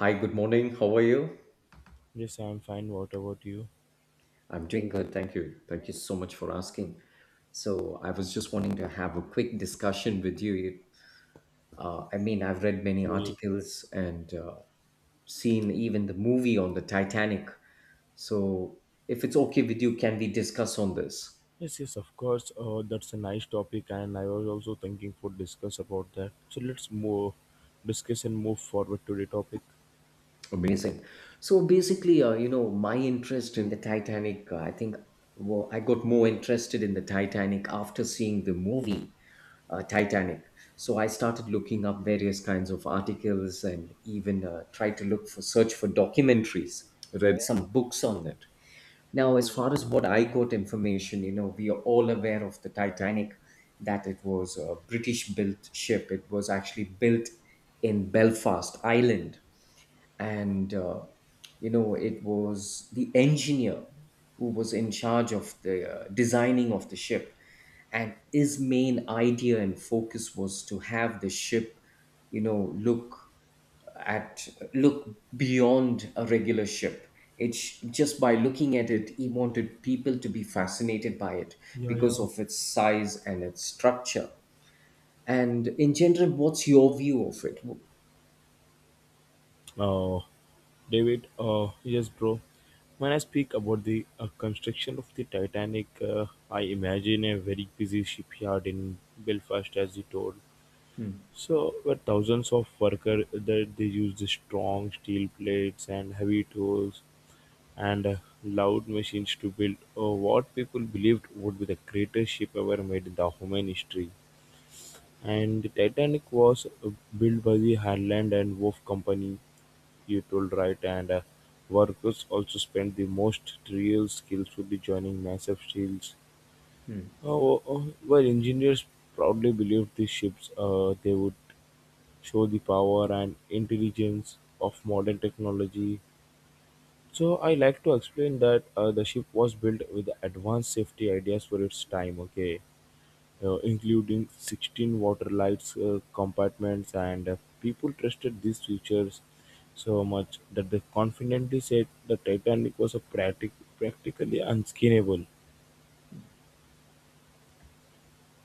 Hi, good morning. How are you? Yes, I'm fine. What about you? I'm doing good. Thank you. Thank you so much for asking. So, I was just wanting to have a quick discussion with you. I mean, I've read many Okay. articles and seen even the movie on the Titanic. So, if it's okay with you, can we discuss on this? Yes, yes, of course. That's a nice topic, and I was also thinking for discuss about that. So let's move, discuss and move forward to the topic. Amazing. So basically, my interest in the Titanic, I think well, I got more interested in the Titanic after seeing the movie Titanic. So I started looking up various kinds of articles and even tried to look for search for documentaries, read some books on it. Now, as far as what I got information, you know, we are all aware of the Titanic, that it was a British built ship. It was actually built in Belfast, Ireland, and you know it was the engineer who was in charge of the designing of the ship, and his main idea and focus was to have the ship, you know, at look beyond a regular ship. It's just by looking at it, he wanted people to be fascinated by it Yeah, yeah. because of its size and its structure. And in general, what's your view of it? Uh, David, yes, bro. When I speak about the construction of the Titanic, I imagine a very busy shipyard in Belfast, as you told. Hmm, So, where thousands of workers that they use the strong steel plates and heavy tools and loud machines to build what people believed would be the greatest ship ever made in the human history. And the Titanic was built by the Harland and Wolff Company, you told right, and workers also spent the most trivial skillfully joining massive shields. hmm. Oh, well, engineers proudly believed these ships they would show the power and intelligence of modern technology. So I like to explain that the ship was built with advanced safety ideas for its time. Okay, including 16 water lights compartments, and people trusted these features so much that they confidently said the Titanic was a practically unskinable.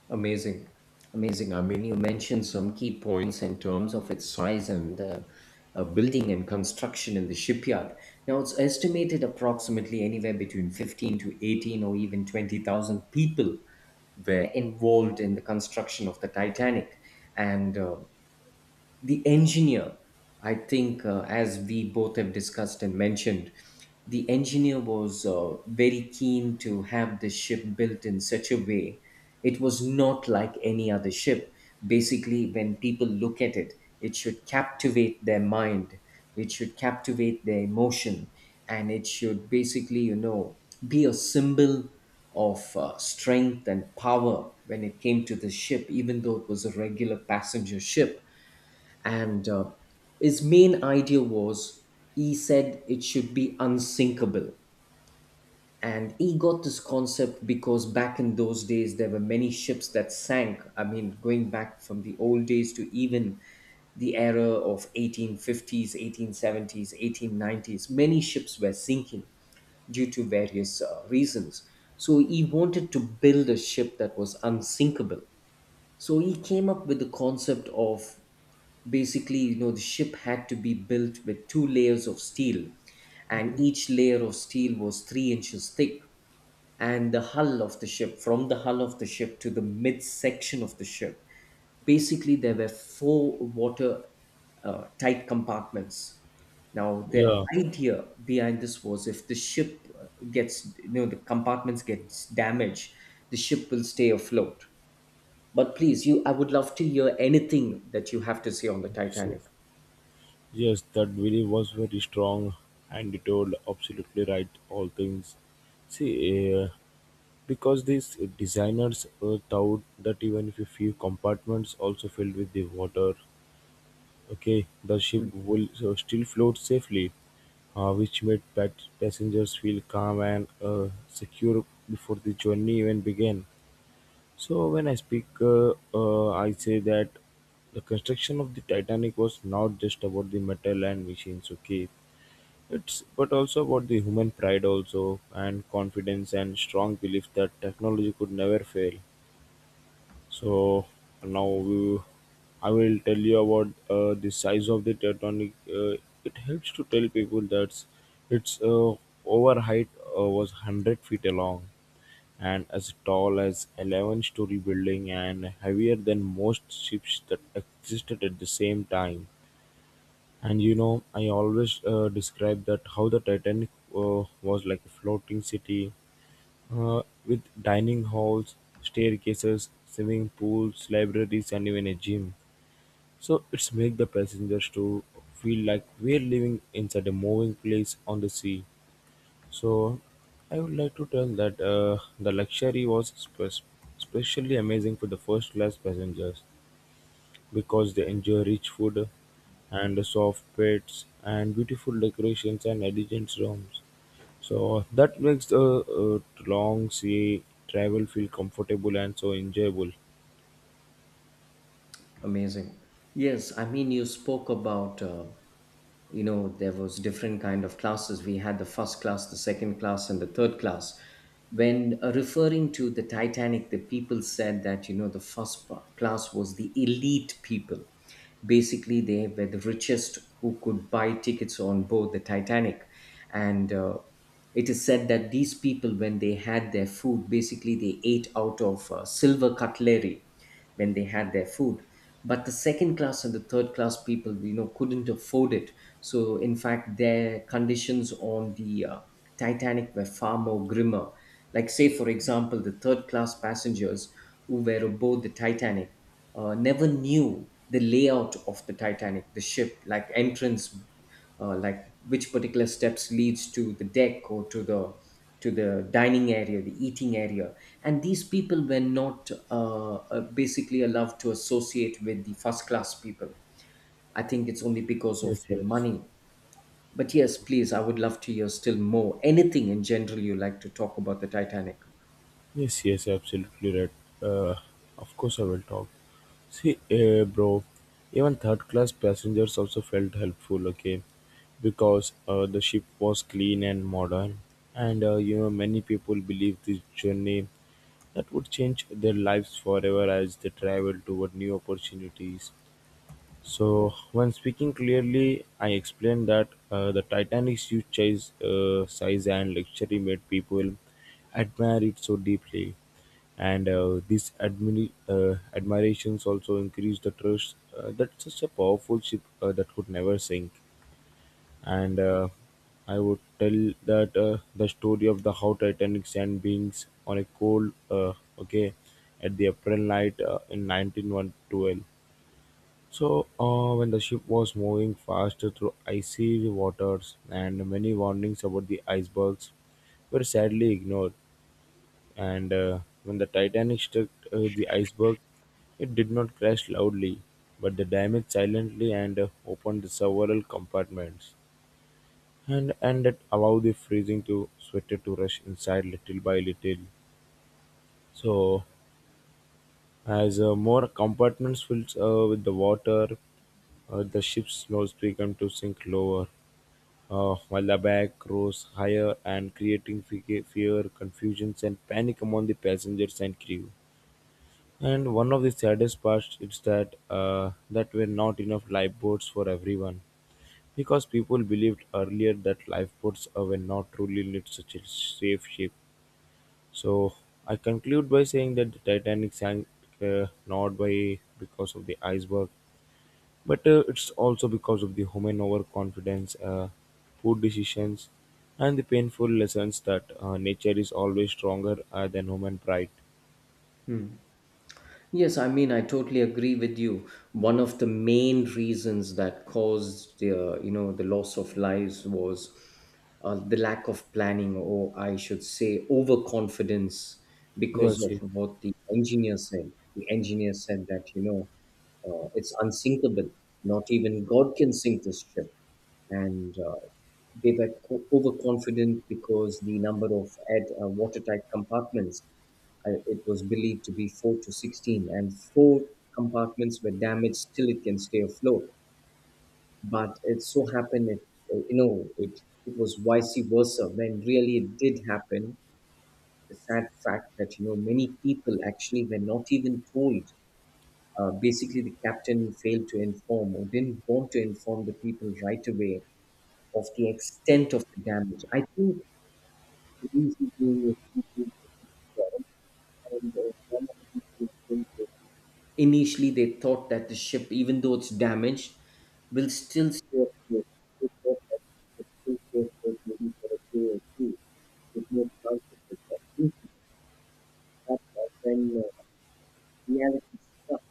Amazing. Amazing. I mean, you mentioned some key points in terms of its size and the building and construction in the shipyard. Now, it's estimated approximately anywhere between 15 to 18 or even 20,000 people were involved in the construction of the Titanic. And the engineer I think as we both have discussed and mentioned, the engineer was very keen to have the ship built in such a way it was not like any other ship. Basically, when people look at it, it should captivate their mind, it should captivate their emotion, and it should basically, you know, be a symbol of strength and power when it came to the ship, even though it was a regular passenger ship. And uh, his main idea was, he said it should be unsinkable. And he got this concept because back in those days, there were many ships that sank. I mean, going back from the old days to even the era of 1850s, 1870s, 1890s, many ships were sinking due to various reasons. So he wanted to build a ship that was unsinkable. So he came up with the concept of basically, you know, the ship had to be built with two layers of steel, and each layer of steel was 3 inches thick. And the hull of the ship from the hull of the ship to the midsection of the ship, basically there were four water tight compartments. Now the Yeah, idea behind this was if the ship gets, you know, the compartments gets damaged, the ship will stay afloat. But please, you I would love to hear anything that you have to say on the this Titanic. is yes. That really was very strong, and it told absolutely right all things. See, because these designers worked out that even if a few compartments also filled with the water, okay, the ship will still float safely, which made passengers feel calm and secure before the journey even began. So when I speak, I say that the construction of the Titanic was not just about the metal and machines, okay. It's but also about the human pride also and confidence and strong belief that technology could never fail. So now we, I will tell you about the size of the Titanic. It helps to tell people that its over height was 100 feet long and as tall as 11-story building and heavier than most ships that existed at the same time. And you know, I always describe that how the Titanic was like a floating city with dining halls, staircases, swimming pools, libraries and even a gym. So it's make the passengers to feel like we're living inside a moving place on the sea. So I would like to tell that the luxury was especially amazing for the first class passengers because they enjoy rich food and soft beds and beautiful decorations and elegant rooms. So that makes the long sea travel feel comfortable and so enjoyable. Amazing. Yes, I mean you spoke about you know there was different kind of classes. We had the first class, the second class, and the third class. When referring to the Titanic, the people said that you know the class was the elite people. Basically, they were the richest who could buy tickets on board the Titanic. And it is said that these people, when they had their food, basically they ate out of silver cutlery when they had their food. But the second class and the third class people, you know, couldn't afford it. So, in fact, their conditions on the Titanic were far more grimmer. Like, say, for example, the third class passengers who were aboard the Titanic never knew the layout of the Titanic, the ship, like entrance, like which particular steps leads to the deck or to the dining area, the eating area, and these people were not basically allowed to associate with the first class people. I think it's only because of Yes, their yes, money. But yes, please, I would love to hear still more. Anything in general you like to talk about the Titanic. yes, yes, absolutely right. Uh, of course, I will talk. See, bro, even third class passengers also felt helpful, okay, because the ship was clean and modern, and you know, many people believe this journey that would change their lives forever as they travel toward new opportunities. So, when speaking clearly, I explained that the Titanic's huge size and luxury made people admire it so deeply, and this admirations also increased the trust that such a powerful ship that could never sink. And I would tell that the story of the how Titanic sank beings on a cold, okay, at the April night in 1912. So, when the ship was moving fast through icy waters, and many warnings about the icebergs were sadly ignored, and when the Titanic struck the iceberg, it did not crash loudly, but the damage silently and opened several compartments, and that allowed the freezing to sweater to rush inside little by little. So, as more compartments filled with the water, the ship slowly began to sink lower while the attack rose higher and creating fear, confusion, and panic among the passengers and crew. And one of the saddest parts is that that were not enough lifeboats for everyone, because people believed earlier that lifeboats were not truly need such a safe ship. So I conclude by saying that the Titanic sank not by because of the iceberg, but it's also because of the human overconfidence, poor decisions, and the painful lessons that nature is always stronger than human pride. Hmm. Yes, I mean, I totally agree with you. One of the main reasons that caused the, the loss of lives was the lack of planning, or I should say, overconfidence, because Yes, of yes. what the engineer said. The engineer said that, you know, it's unsinkable. Not even God can sink this ship. And they were co- overconfident because the number of watertight compartments, it was believed to be 4 to 16, and four compartments were damaged. Still, it can stay afloat. But it so happened, it it was vice versa. When really it did happen, the sad fact that you know many people actually were not even told. Basically, the captain failed to inform or didn't want to inform the people right away of the extent of the damage. I think the reason being is people kind of, initially, they thought that the ship, even though it's damaged, will still stay afloat. They thought that it will still stay afloat maybe for a day or two. There's no chance of it. But since we got that, when reality struck,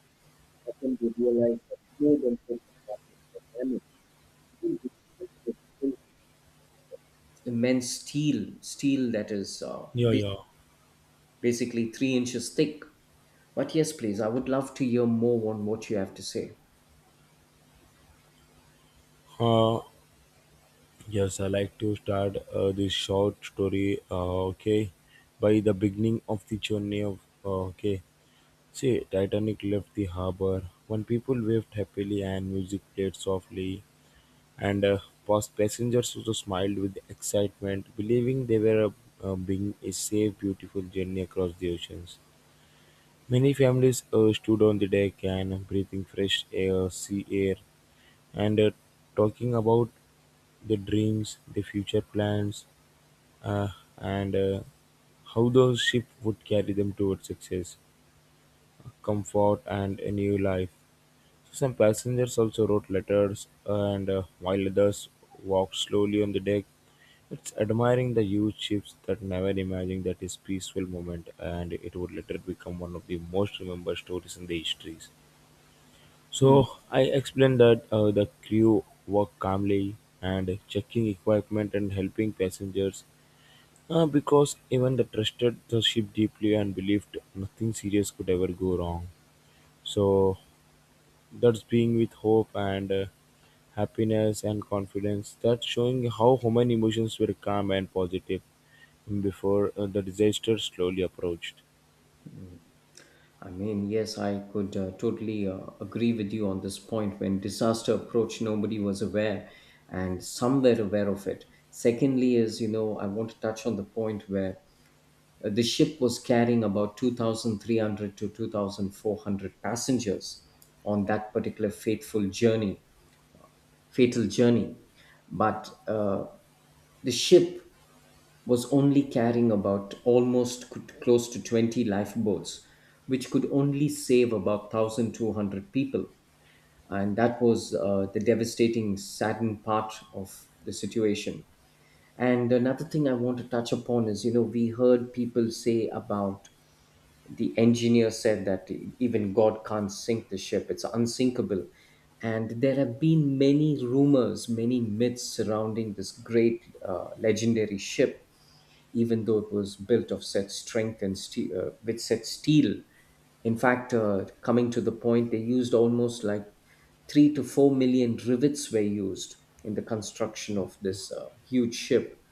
I think they realized that more than four compartments were damaged. I mean, this ship was built of immense steel, steel that is Yeah, yeah. basically 3 inches thick. But yes, please, I would love to hear more on what you have to say. Uh, yes, I like to start this short story. Okay, by the beginning of the journey of okay, see, Titanic left the harbor when people waved happily and music played softly. And past passengers also smiled with excitement, believing they were being a safe, beautiful journey across the oceans. Many families stood on the deck and breathing fresh air, sea air, and talking about the dreams, the future plans, uh, and how those ships would carry them towards success, comfort, and a new life. So, some passengers also wrote letters, and while others walked slowly on the deck, it's admiring the huge ships that never imagined that his peaceful moment and it would later become one of the most remembered stories in the histories. Hmm. So I explained that the crew worked calmly and checking equipment and helping passengers because even they trusted the ship deeply and believed nothing serious could ever go wrong. So that's being with hope and happiness and confidence. That's showing how human emotions were calm and positive before the disaster slowly approached. I mean, yes, I could totally agree with you on this point. When disaster approached, nobody was aware, and some were aware of it. Secondly, is you know, I want to touch on the point where the ship was carrying about 2,300 to 2,400 passengers on that particular fateful journey, fatal journey. But the ship was only carrying about almost close to 20 lifeboats, which could only save about 1,200 people. And that was the devastating, saddened part of the situation. And another thing I want to touch upon is, you know, we heard people say about the engineer said that even God can't sink the ship, it's unsinkable. And there have been many rumors, many myths surrounding this great legendary ship, even though it was built of such strength and steel, with such steel. In fact, coming to the point, they used almost like 3 to 4 million rivets were used in the construction of this huge ship.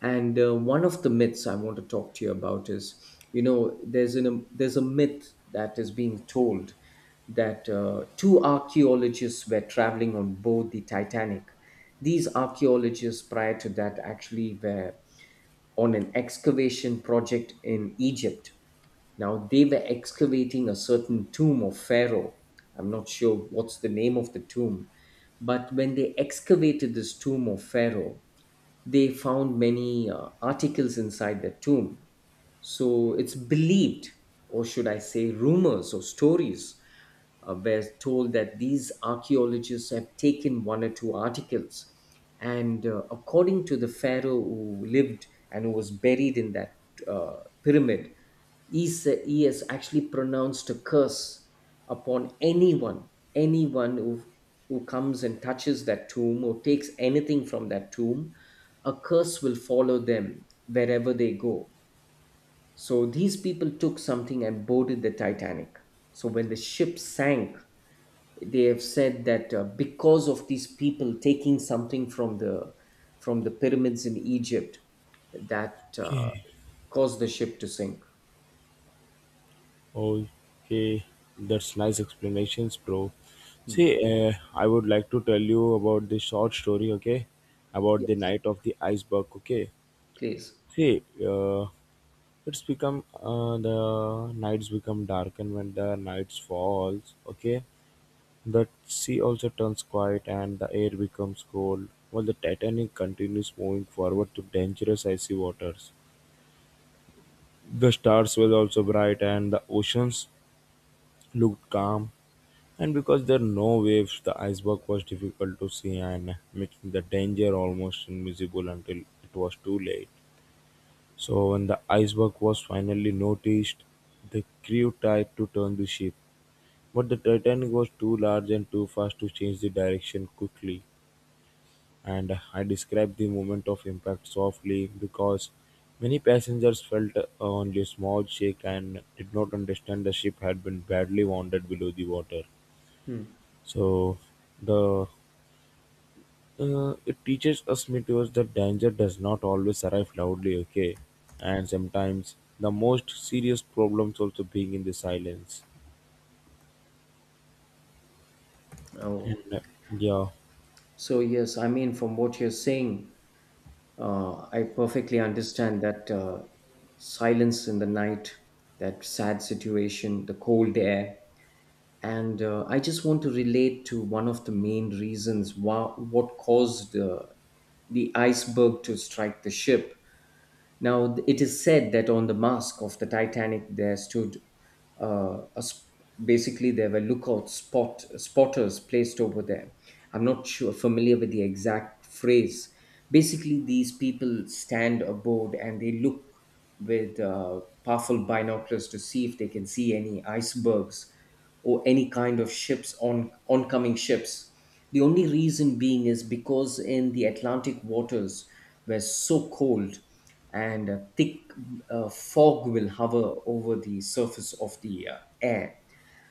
And one of the myths I want to talk to you about is, you know, there's a myth that is being told that two archaeologists were traveling on board the Titanic. These archaeologists prior to that actually were on an excavation project in Egypt. Now they were excavating a certain tomb of Pharaoh. I'm not sure what's the name of the tomb, but when they excavated this tomb of Pharaoh, they found many articles inside the tomb. So it's believed, or should I say, rumors or stories were told that these archaeologists have taken one or two articles. And according to the pharaoh who lived and who was buried in that pyramid, he has actually pronounced a curse upon anyone, anyone who, who comes and touches that tomb or takes anything from that tomb. A curse will follow them wherever they go. So these people took something and boarded the Titanic. So when the ship sank, they have said that because of these people taking something from the pyramids in Egypt, that Okay, caused the ship to sink. okay, that's nice explanations, bro. Hmm. See, I would like to tell you about the short story, okay, about the Yes, night of the iceberg, okay. please. See, it's become the nights become dark, and when the nights falls, okay, the sea also turns quiet and the air becomes cold. While the Titanic continues moving forward to dangerous icy waters, the stars were also bright and the oceans looked calm. And because there are no waves, the iceberg was difficult to see and making the danger almost invisible until it was too late. So when the iceberg was finally noticed, the crew tried to turn the ship. But the Titanic was too large and too fast to change the direction quickly. And I described the moment of impact softly because many passengers felt only a small shake and did not understand the ship had been badly wounded below the water. Hmm. So the it teaches us meteors that danger does not always arrive loudly, okay, and sometimes the most serious problems also being in the silence. Oh, And uh, yeah, so yes, I mean from what you're saying, I perfectly understand that silence in the night, that sad situation, the cold air, and I just want to relate to one of the main reasons why, what caused the iceberg to strike the ship. Now, it is said that on the mast of the Titanic there stood uh, a sp- basically there were lookout spotters placed over there. I'm not sure familiar with the exact phrase. Basically, these people stand aboard and they look with powerful binoculars to see if they can see any icebergs or any kind of ships on oncoming ships. The only reason being is because in the Atlantic waters were so cold and a thick fog will hover over the surface of the air.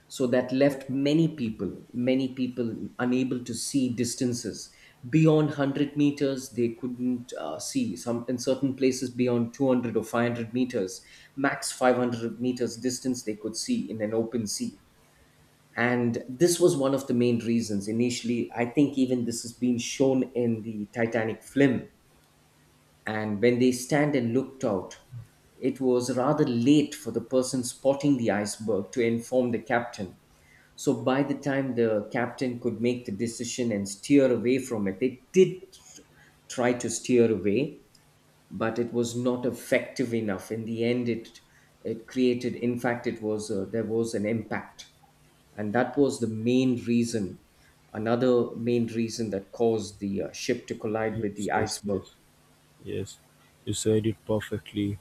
So that left many people unable to see distances beyond 100 meters. They couldn't see some in certain places beyond 200 or 500 meters, max 500 meters distance they could see in an open sea. And this was one of the main reasons initially. I think even this has been shown in the Titanic film and when they stand and looked out, it was rather late for the person spotting the iceberg to inform the captain. So by the time the captain could make the decision and steer away from it, they did try to steer away, but it was not effective enough. In the end, it created. In fact, it was there was an impact, and that was the main reason. Another main reason that caused the ship to collide with yes, the yes, iceberg. yes. Yes, You said it perfectly.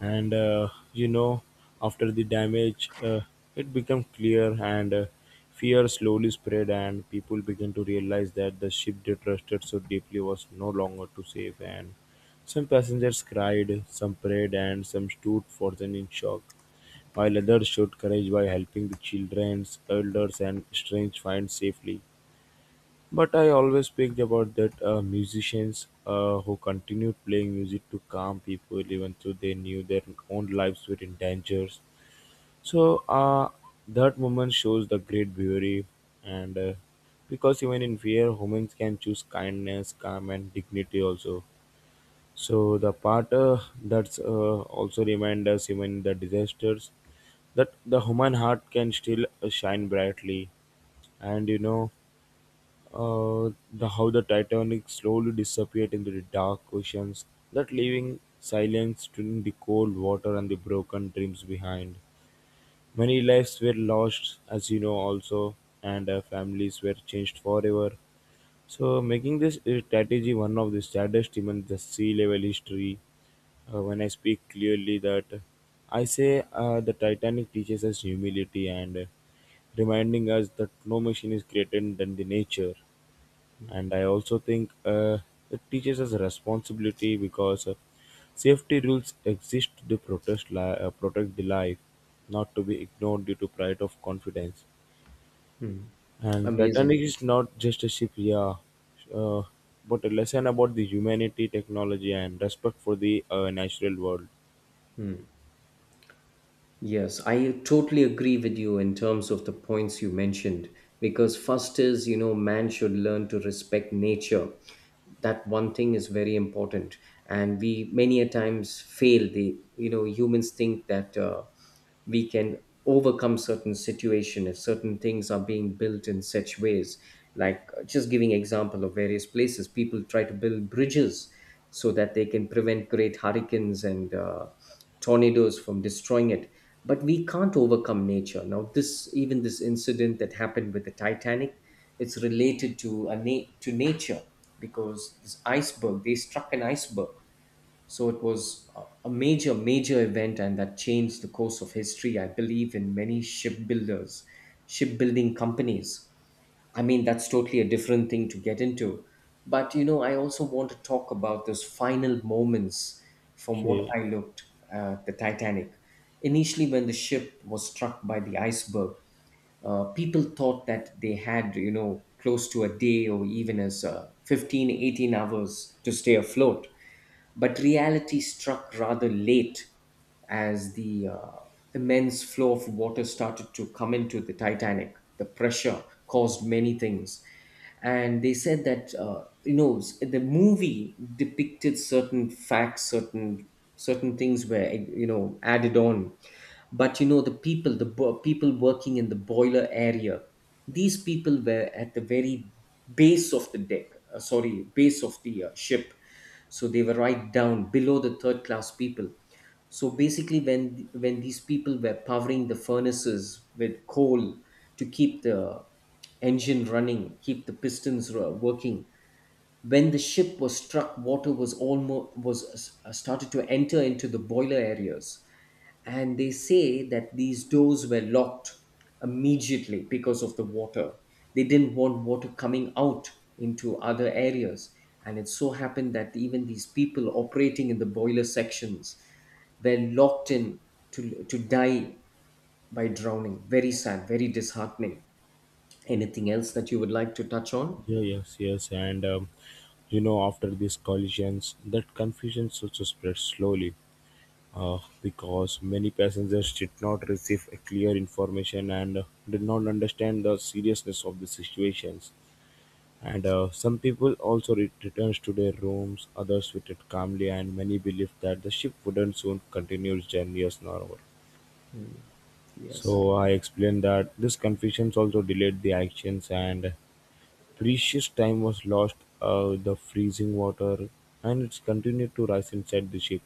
And you know, after the damage, it became clear, and fear slowly spread, and people began to realize that the ship they trusted so deeply was no longer to save. And some passengers cried, some prayed, and some stood frozen in shock, while others showed courage by helping the children, elders, and strange find safely. But I always speak about that musicians who continued playing music to calm people even though they knew their own lives were in danger. So that moment shows the great beauty and because even in fear, humans can choose kindness, calm and dignity also. So the part that's also remind us even in the disasters that the human heart can still shine brightly and you know the how the Titanic slowly disappeared into the dark oceans, that leaving silence during the cold water and the broken dreams behind. Many lives were lost, as you know, also, and families were changed forever. So, making this strategy one of the saddest in the sea level history. When I speak clearly, that I say the Titanic teaches us humility and reminding us that no machine is greater than the nature. And I also think it teaches us responsibility because safety rules exist to protect the life, not to be ignored due to pride of confidence. Hmm. And Amazing. Titanic is not just a ship, yeah, uh, but a lesson about the humanity technology and respect for the natural world. Yes, I totally agree with you in terms of the points you mentioned. Because first is, man should learn to respect nature. That one thing is very important. And we many a times fail. The you know Humans think that we can overcome certain situation if certain things are being built in such ways, like just giving example of various places people try to build bridges so that they can prevent great hurricanes and tornadoes from destroying it. But we can't overcome nature. Now this, even this incident that happened with the Titanic, it's related to to nature, because this iceberg, they struck an iceberg. So it was a major, major event, and that changed the course of history, I believe, in many shipbuilding companies. I mean, that's totally a different thing to get into. But, you know, I also want to talk about those final moments from what Okay. I looked at the Titanic. Initially, when the ship was struck by the iceberg, people thought that they had, you know, close to a day or even as 15, 18 hours to stay afloat. But reality struck rather late as the immense flow of water started to come into the Titanic. The pressure caused many things. And they said that, you know, the movie depicted certain facts, certain things were added on. But the people, people working in the boiler area, these people were at the very base of the deck, sorry, base of the ship. So they were right down below the third class people. So basically, when these people were powering the furnaces with coal to keep the engine running, keep the pistons working, when the ship was struck, water was almost was started to enter into the boiler areas. And they say that these doors were locked immediately because of the water. They didn't want water coming out into other areas. And it so happened that even these people operating in the boiler sections were locked in to die by drowning. Very sad, very disheartening. Anything else that you would like to touch on? Yeah, yes, yes. And you know, after these collisions, that confusion also spreads slowly. Because many passengers did not receive a clear information and did not understand the seriousness of the situations. And some people also returned to their rooms, others waited calmly, and many believed that the ship wouldn't soon continue its journey as normal. Hmm. Yes. So I explained that this confusion also delayed the actions, and precious time was lost. The freezing water and it's continued to rise inside the ship,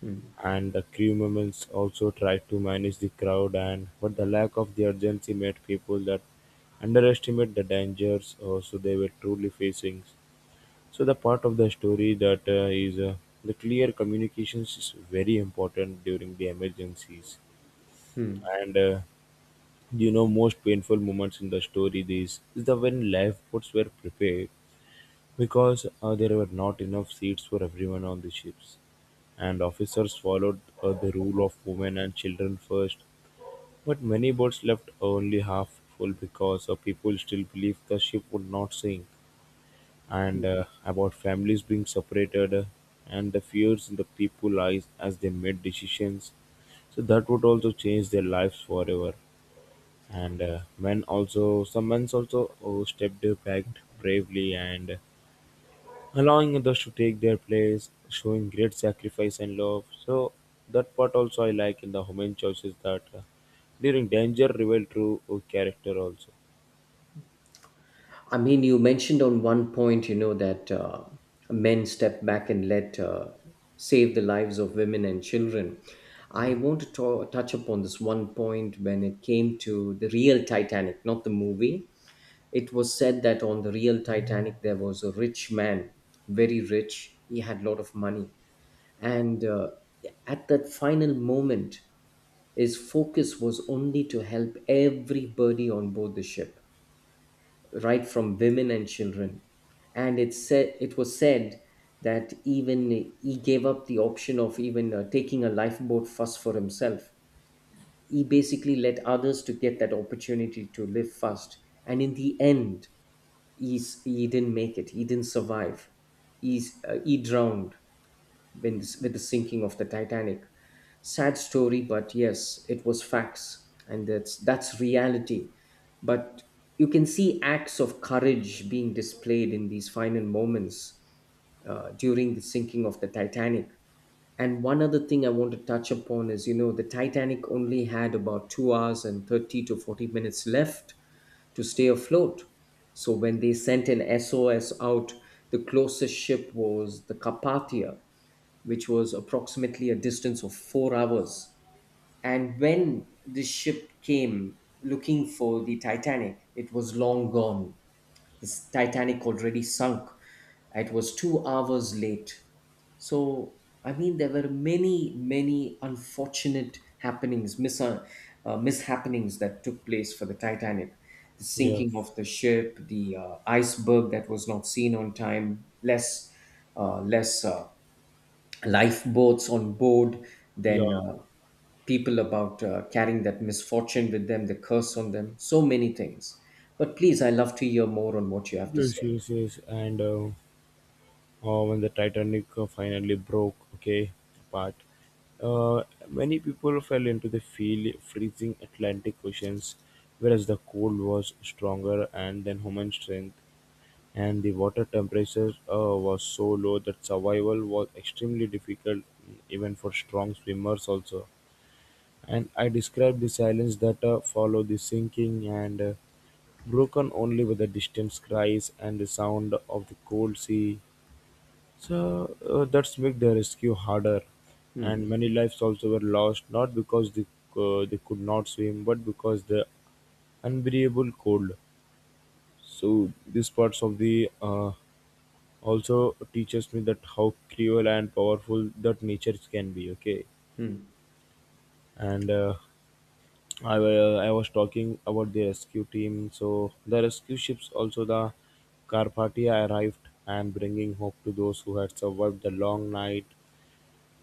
Hmm. and the crew members also tried to manage the crowd and but the lack of the urgency made people that underestimate the dangers also they were truly facing. So the part of the story that is the clear communications is very important during the emergencies. Hmm. And You know, most painful moments in the story this is the when lifeboats were prepared, because there were not enough seats for everyone on the ships, and officers followed the rule of women and children first. But many boats left only half full because people still believed the ship would not sink. And about families being separated, and the fears in the people's eyes as they made decisions. So that would also change their lives forever. And men also, some men also stepped back bravely and allowing others to take their place, showing great sacrifice and love. So that part also I like in the human choices that during danger reveal true character also. I mean, you mentioned on one point, you know, that men step back and let save the lives of women and children. I Yeah, want to touch upon this one point when it came to the real Titanic, not the movie. It was said that on the real Titanic, there was a rich man, very rich. He had a lot of money. And at that final moment, his focus was only to help everybody on board the ship right from women and children. And it was said that even he gave up the option of even taking a lifeboat first for himself. He basically let others to get that opportunity to live first. And in the end, he didn't make it. He didn't survive. He drowned with the sinking of the Titanic. Sad story, but yes, it was facts, and that's reality. But you can see acts of courage being displayed in these final moments during the sinking of the Titanic. And one other thing I want to touch upon is, you know, the Titanic only had about 2 hours and 30 to 40 minutes left to stay afloat. So when they sent an SOS out, the closest ship was the Carpathia, which was approximately a distance of 4 hours. And when the ship came looking for the Titanic, it was long gone. The Titanic already sunk. It was 2 hours late. So, I mean, there were many, many unfortunate happenings, mishappenings that took place for the Titanic. The yeah, sinking of the ship, the iceberg that was not seen on time, less lifeboats on board, yeah. then people about carrying that misfortune with them, the curse on them, so many things. But please, I love to hear more on what you have to say. Yes, yes, yes. And When the Titanic finally broke, okay, apart, many people fell into the feel freezing Atlantic oceans, whereas the cold was stronger and then human strength. And the water temperature was so low that survival was extremely difficult even for strong swimmers also. And I described the silence that followed the sinking and broken only by the distant cries and the sound of the cold sea. So that's made the rescue harder, Hmm, and many lives also were lost not because they could not swim but because the unbearable cold. So these parts of the also teaches me that how cruel and powerful that nature can be, okay. hmm, and I, I was talking about the rescue team. So the rescue ships also, the Carpathia arrived and bringing hope to those who had survived the long night,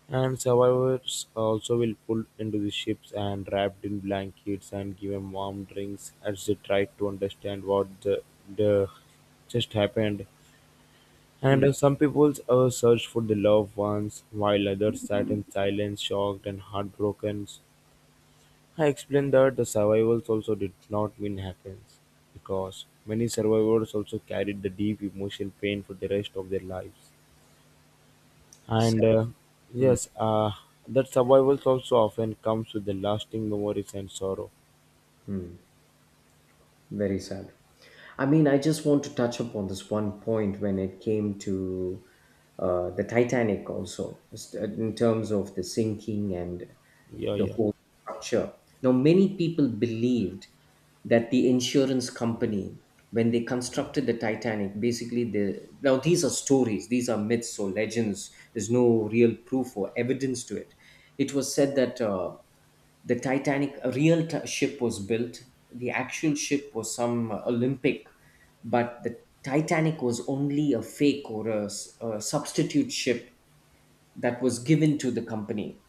and survivors also will pulled into the ships and wrapped in blankets and given warm drinks as they tried to understand what the just happened. hmm. And some people searched for their loved ones, while others sat in silence, shocked and heartbroken. I explained that the survivors also did not mean happiness, because many survivors also carried the deep emotional pain for the rest of their lives. Sad. And Hmm, yes, uh, that survivors also often comes with the lasting memories and sorrow. very sad. I mean, I just want to touch upon this one point when it came to the Titanic, also, just, in terms of the sinking and Yeah, the yeah. whole structure. Now, many people believed that the insurance company, when they constructed the Titanic, basically, the now these are stories, these are myths or legends. There's no real proof or evidence to it. It was said that the Titanic, a real ship was built. The actual ship was some Olympic, but the Titanic was only a fake or a substitute ship that was given to the company.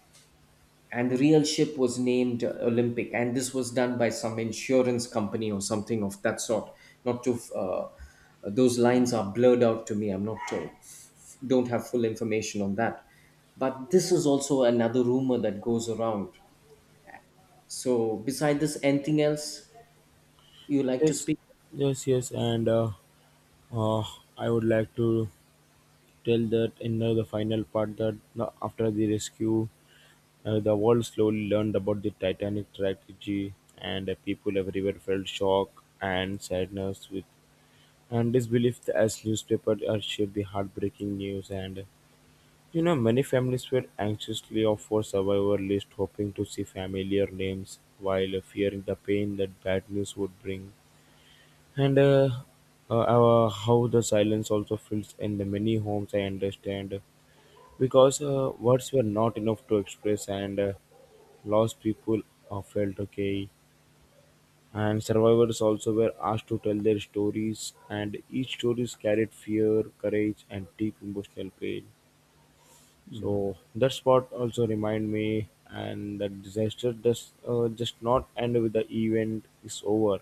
And the real ship was named Olympic, and this was done by some insurance company or something of that sort. Not to those lines are blurred out to me. I'm not f- don't have full information on that, but this is also another rumor that goes around. So, beside this, anything else you like to Yes, speak? yes, yes. And uh, I would like to till that enter the final part that after the rescue, the world slowly learned about the Titanic tragedy, and people everywhere felt shock and sadness with and disbelief as newspaper shared the heartbreaking news. And you know, many families were anxiously of for survivor list, hoping to see familiar names while fearing the pain that bad news would bring. And how the silence also fills in the many homes, I understand because words were not enough to express and lost people felt okay. And survivors also were asked to tell their stories, and each stories carried fear, courage, and deep emotional pain. So that spot also remind me and that disaster does just not end with the event is over,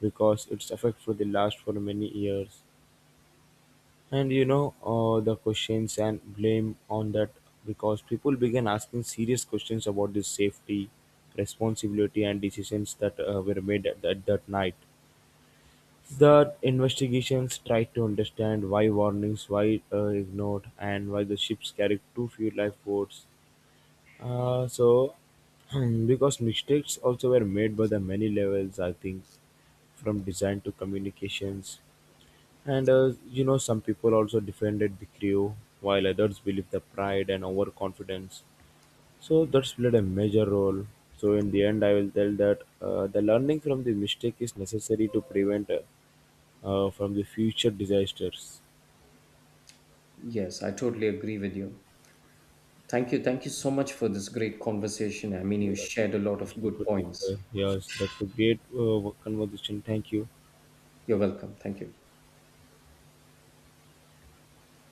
because it's affect for the last for many years. And you know, the questions and blame on that, because people began asking serious questions about this safety, responsibility, and decisions that were made at that night. The investigations tried to understand why warnings were ignored and why the ships carried too few lifeboats. So because mistakes also were made by the many levels, I think, from design to communications. And you know, some people also defended the crew, while others believed the pride and overconfidence. So that's played a major role. So in the end, I will tell that the learning from the mistake is necessary to prevent from the future disasters. Yes, I totally agree with you. Thank you. Thank you so much for this great conversation. I mean, you Yes. shared a lot of Thank you good for the points. yes, that was great conversation. Thank you. You're welcome. Thank you.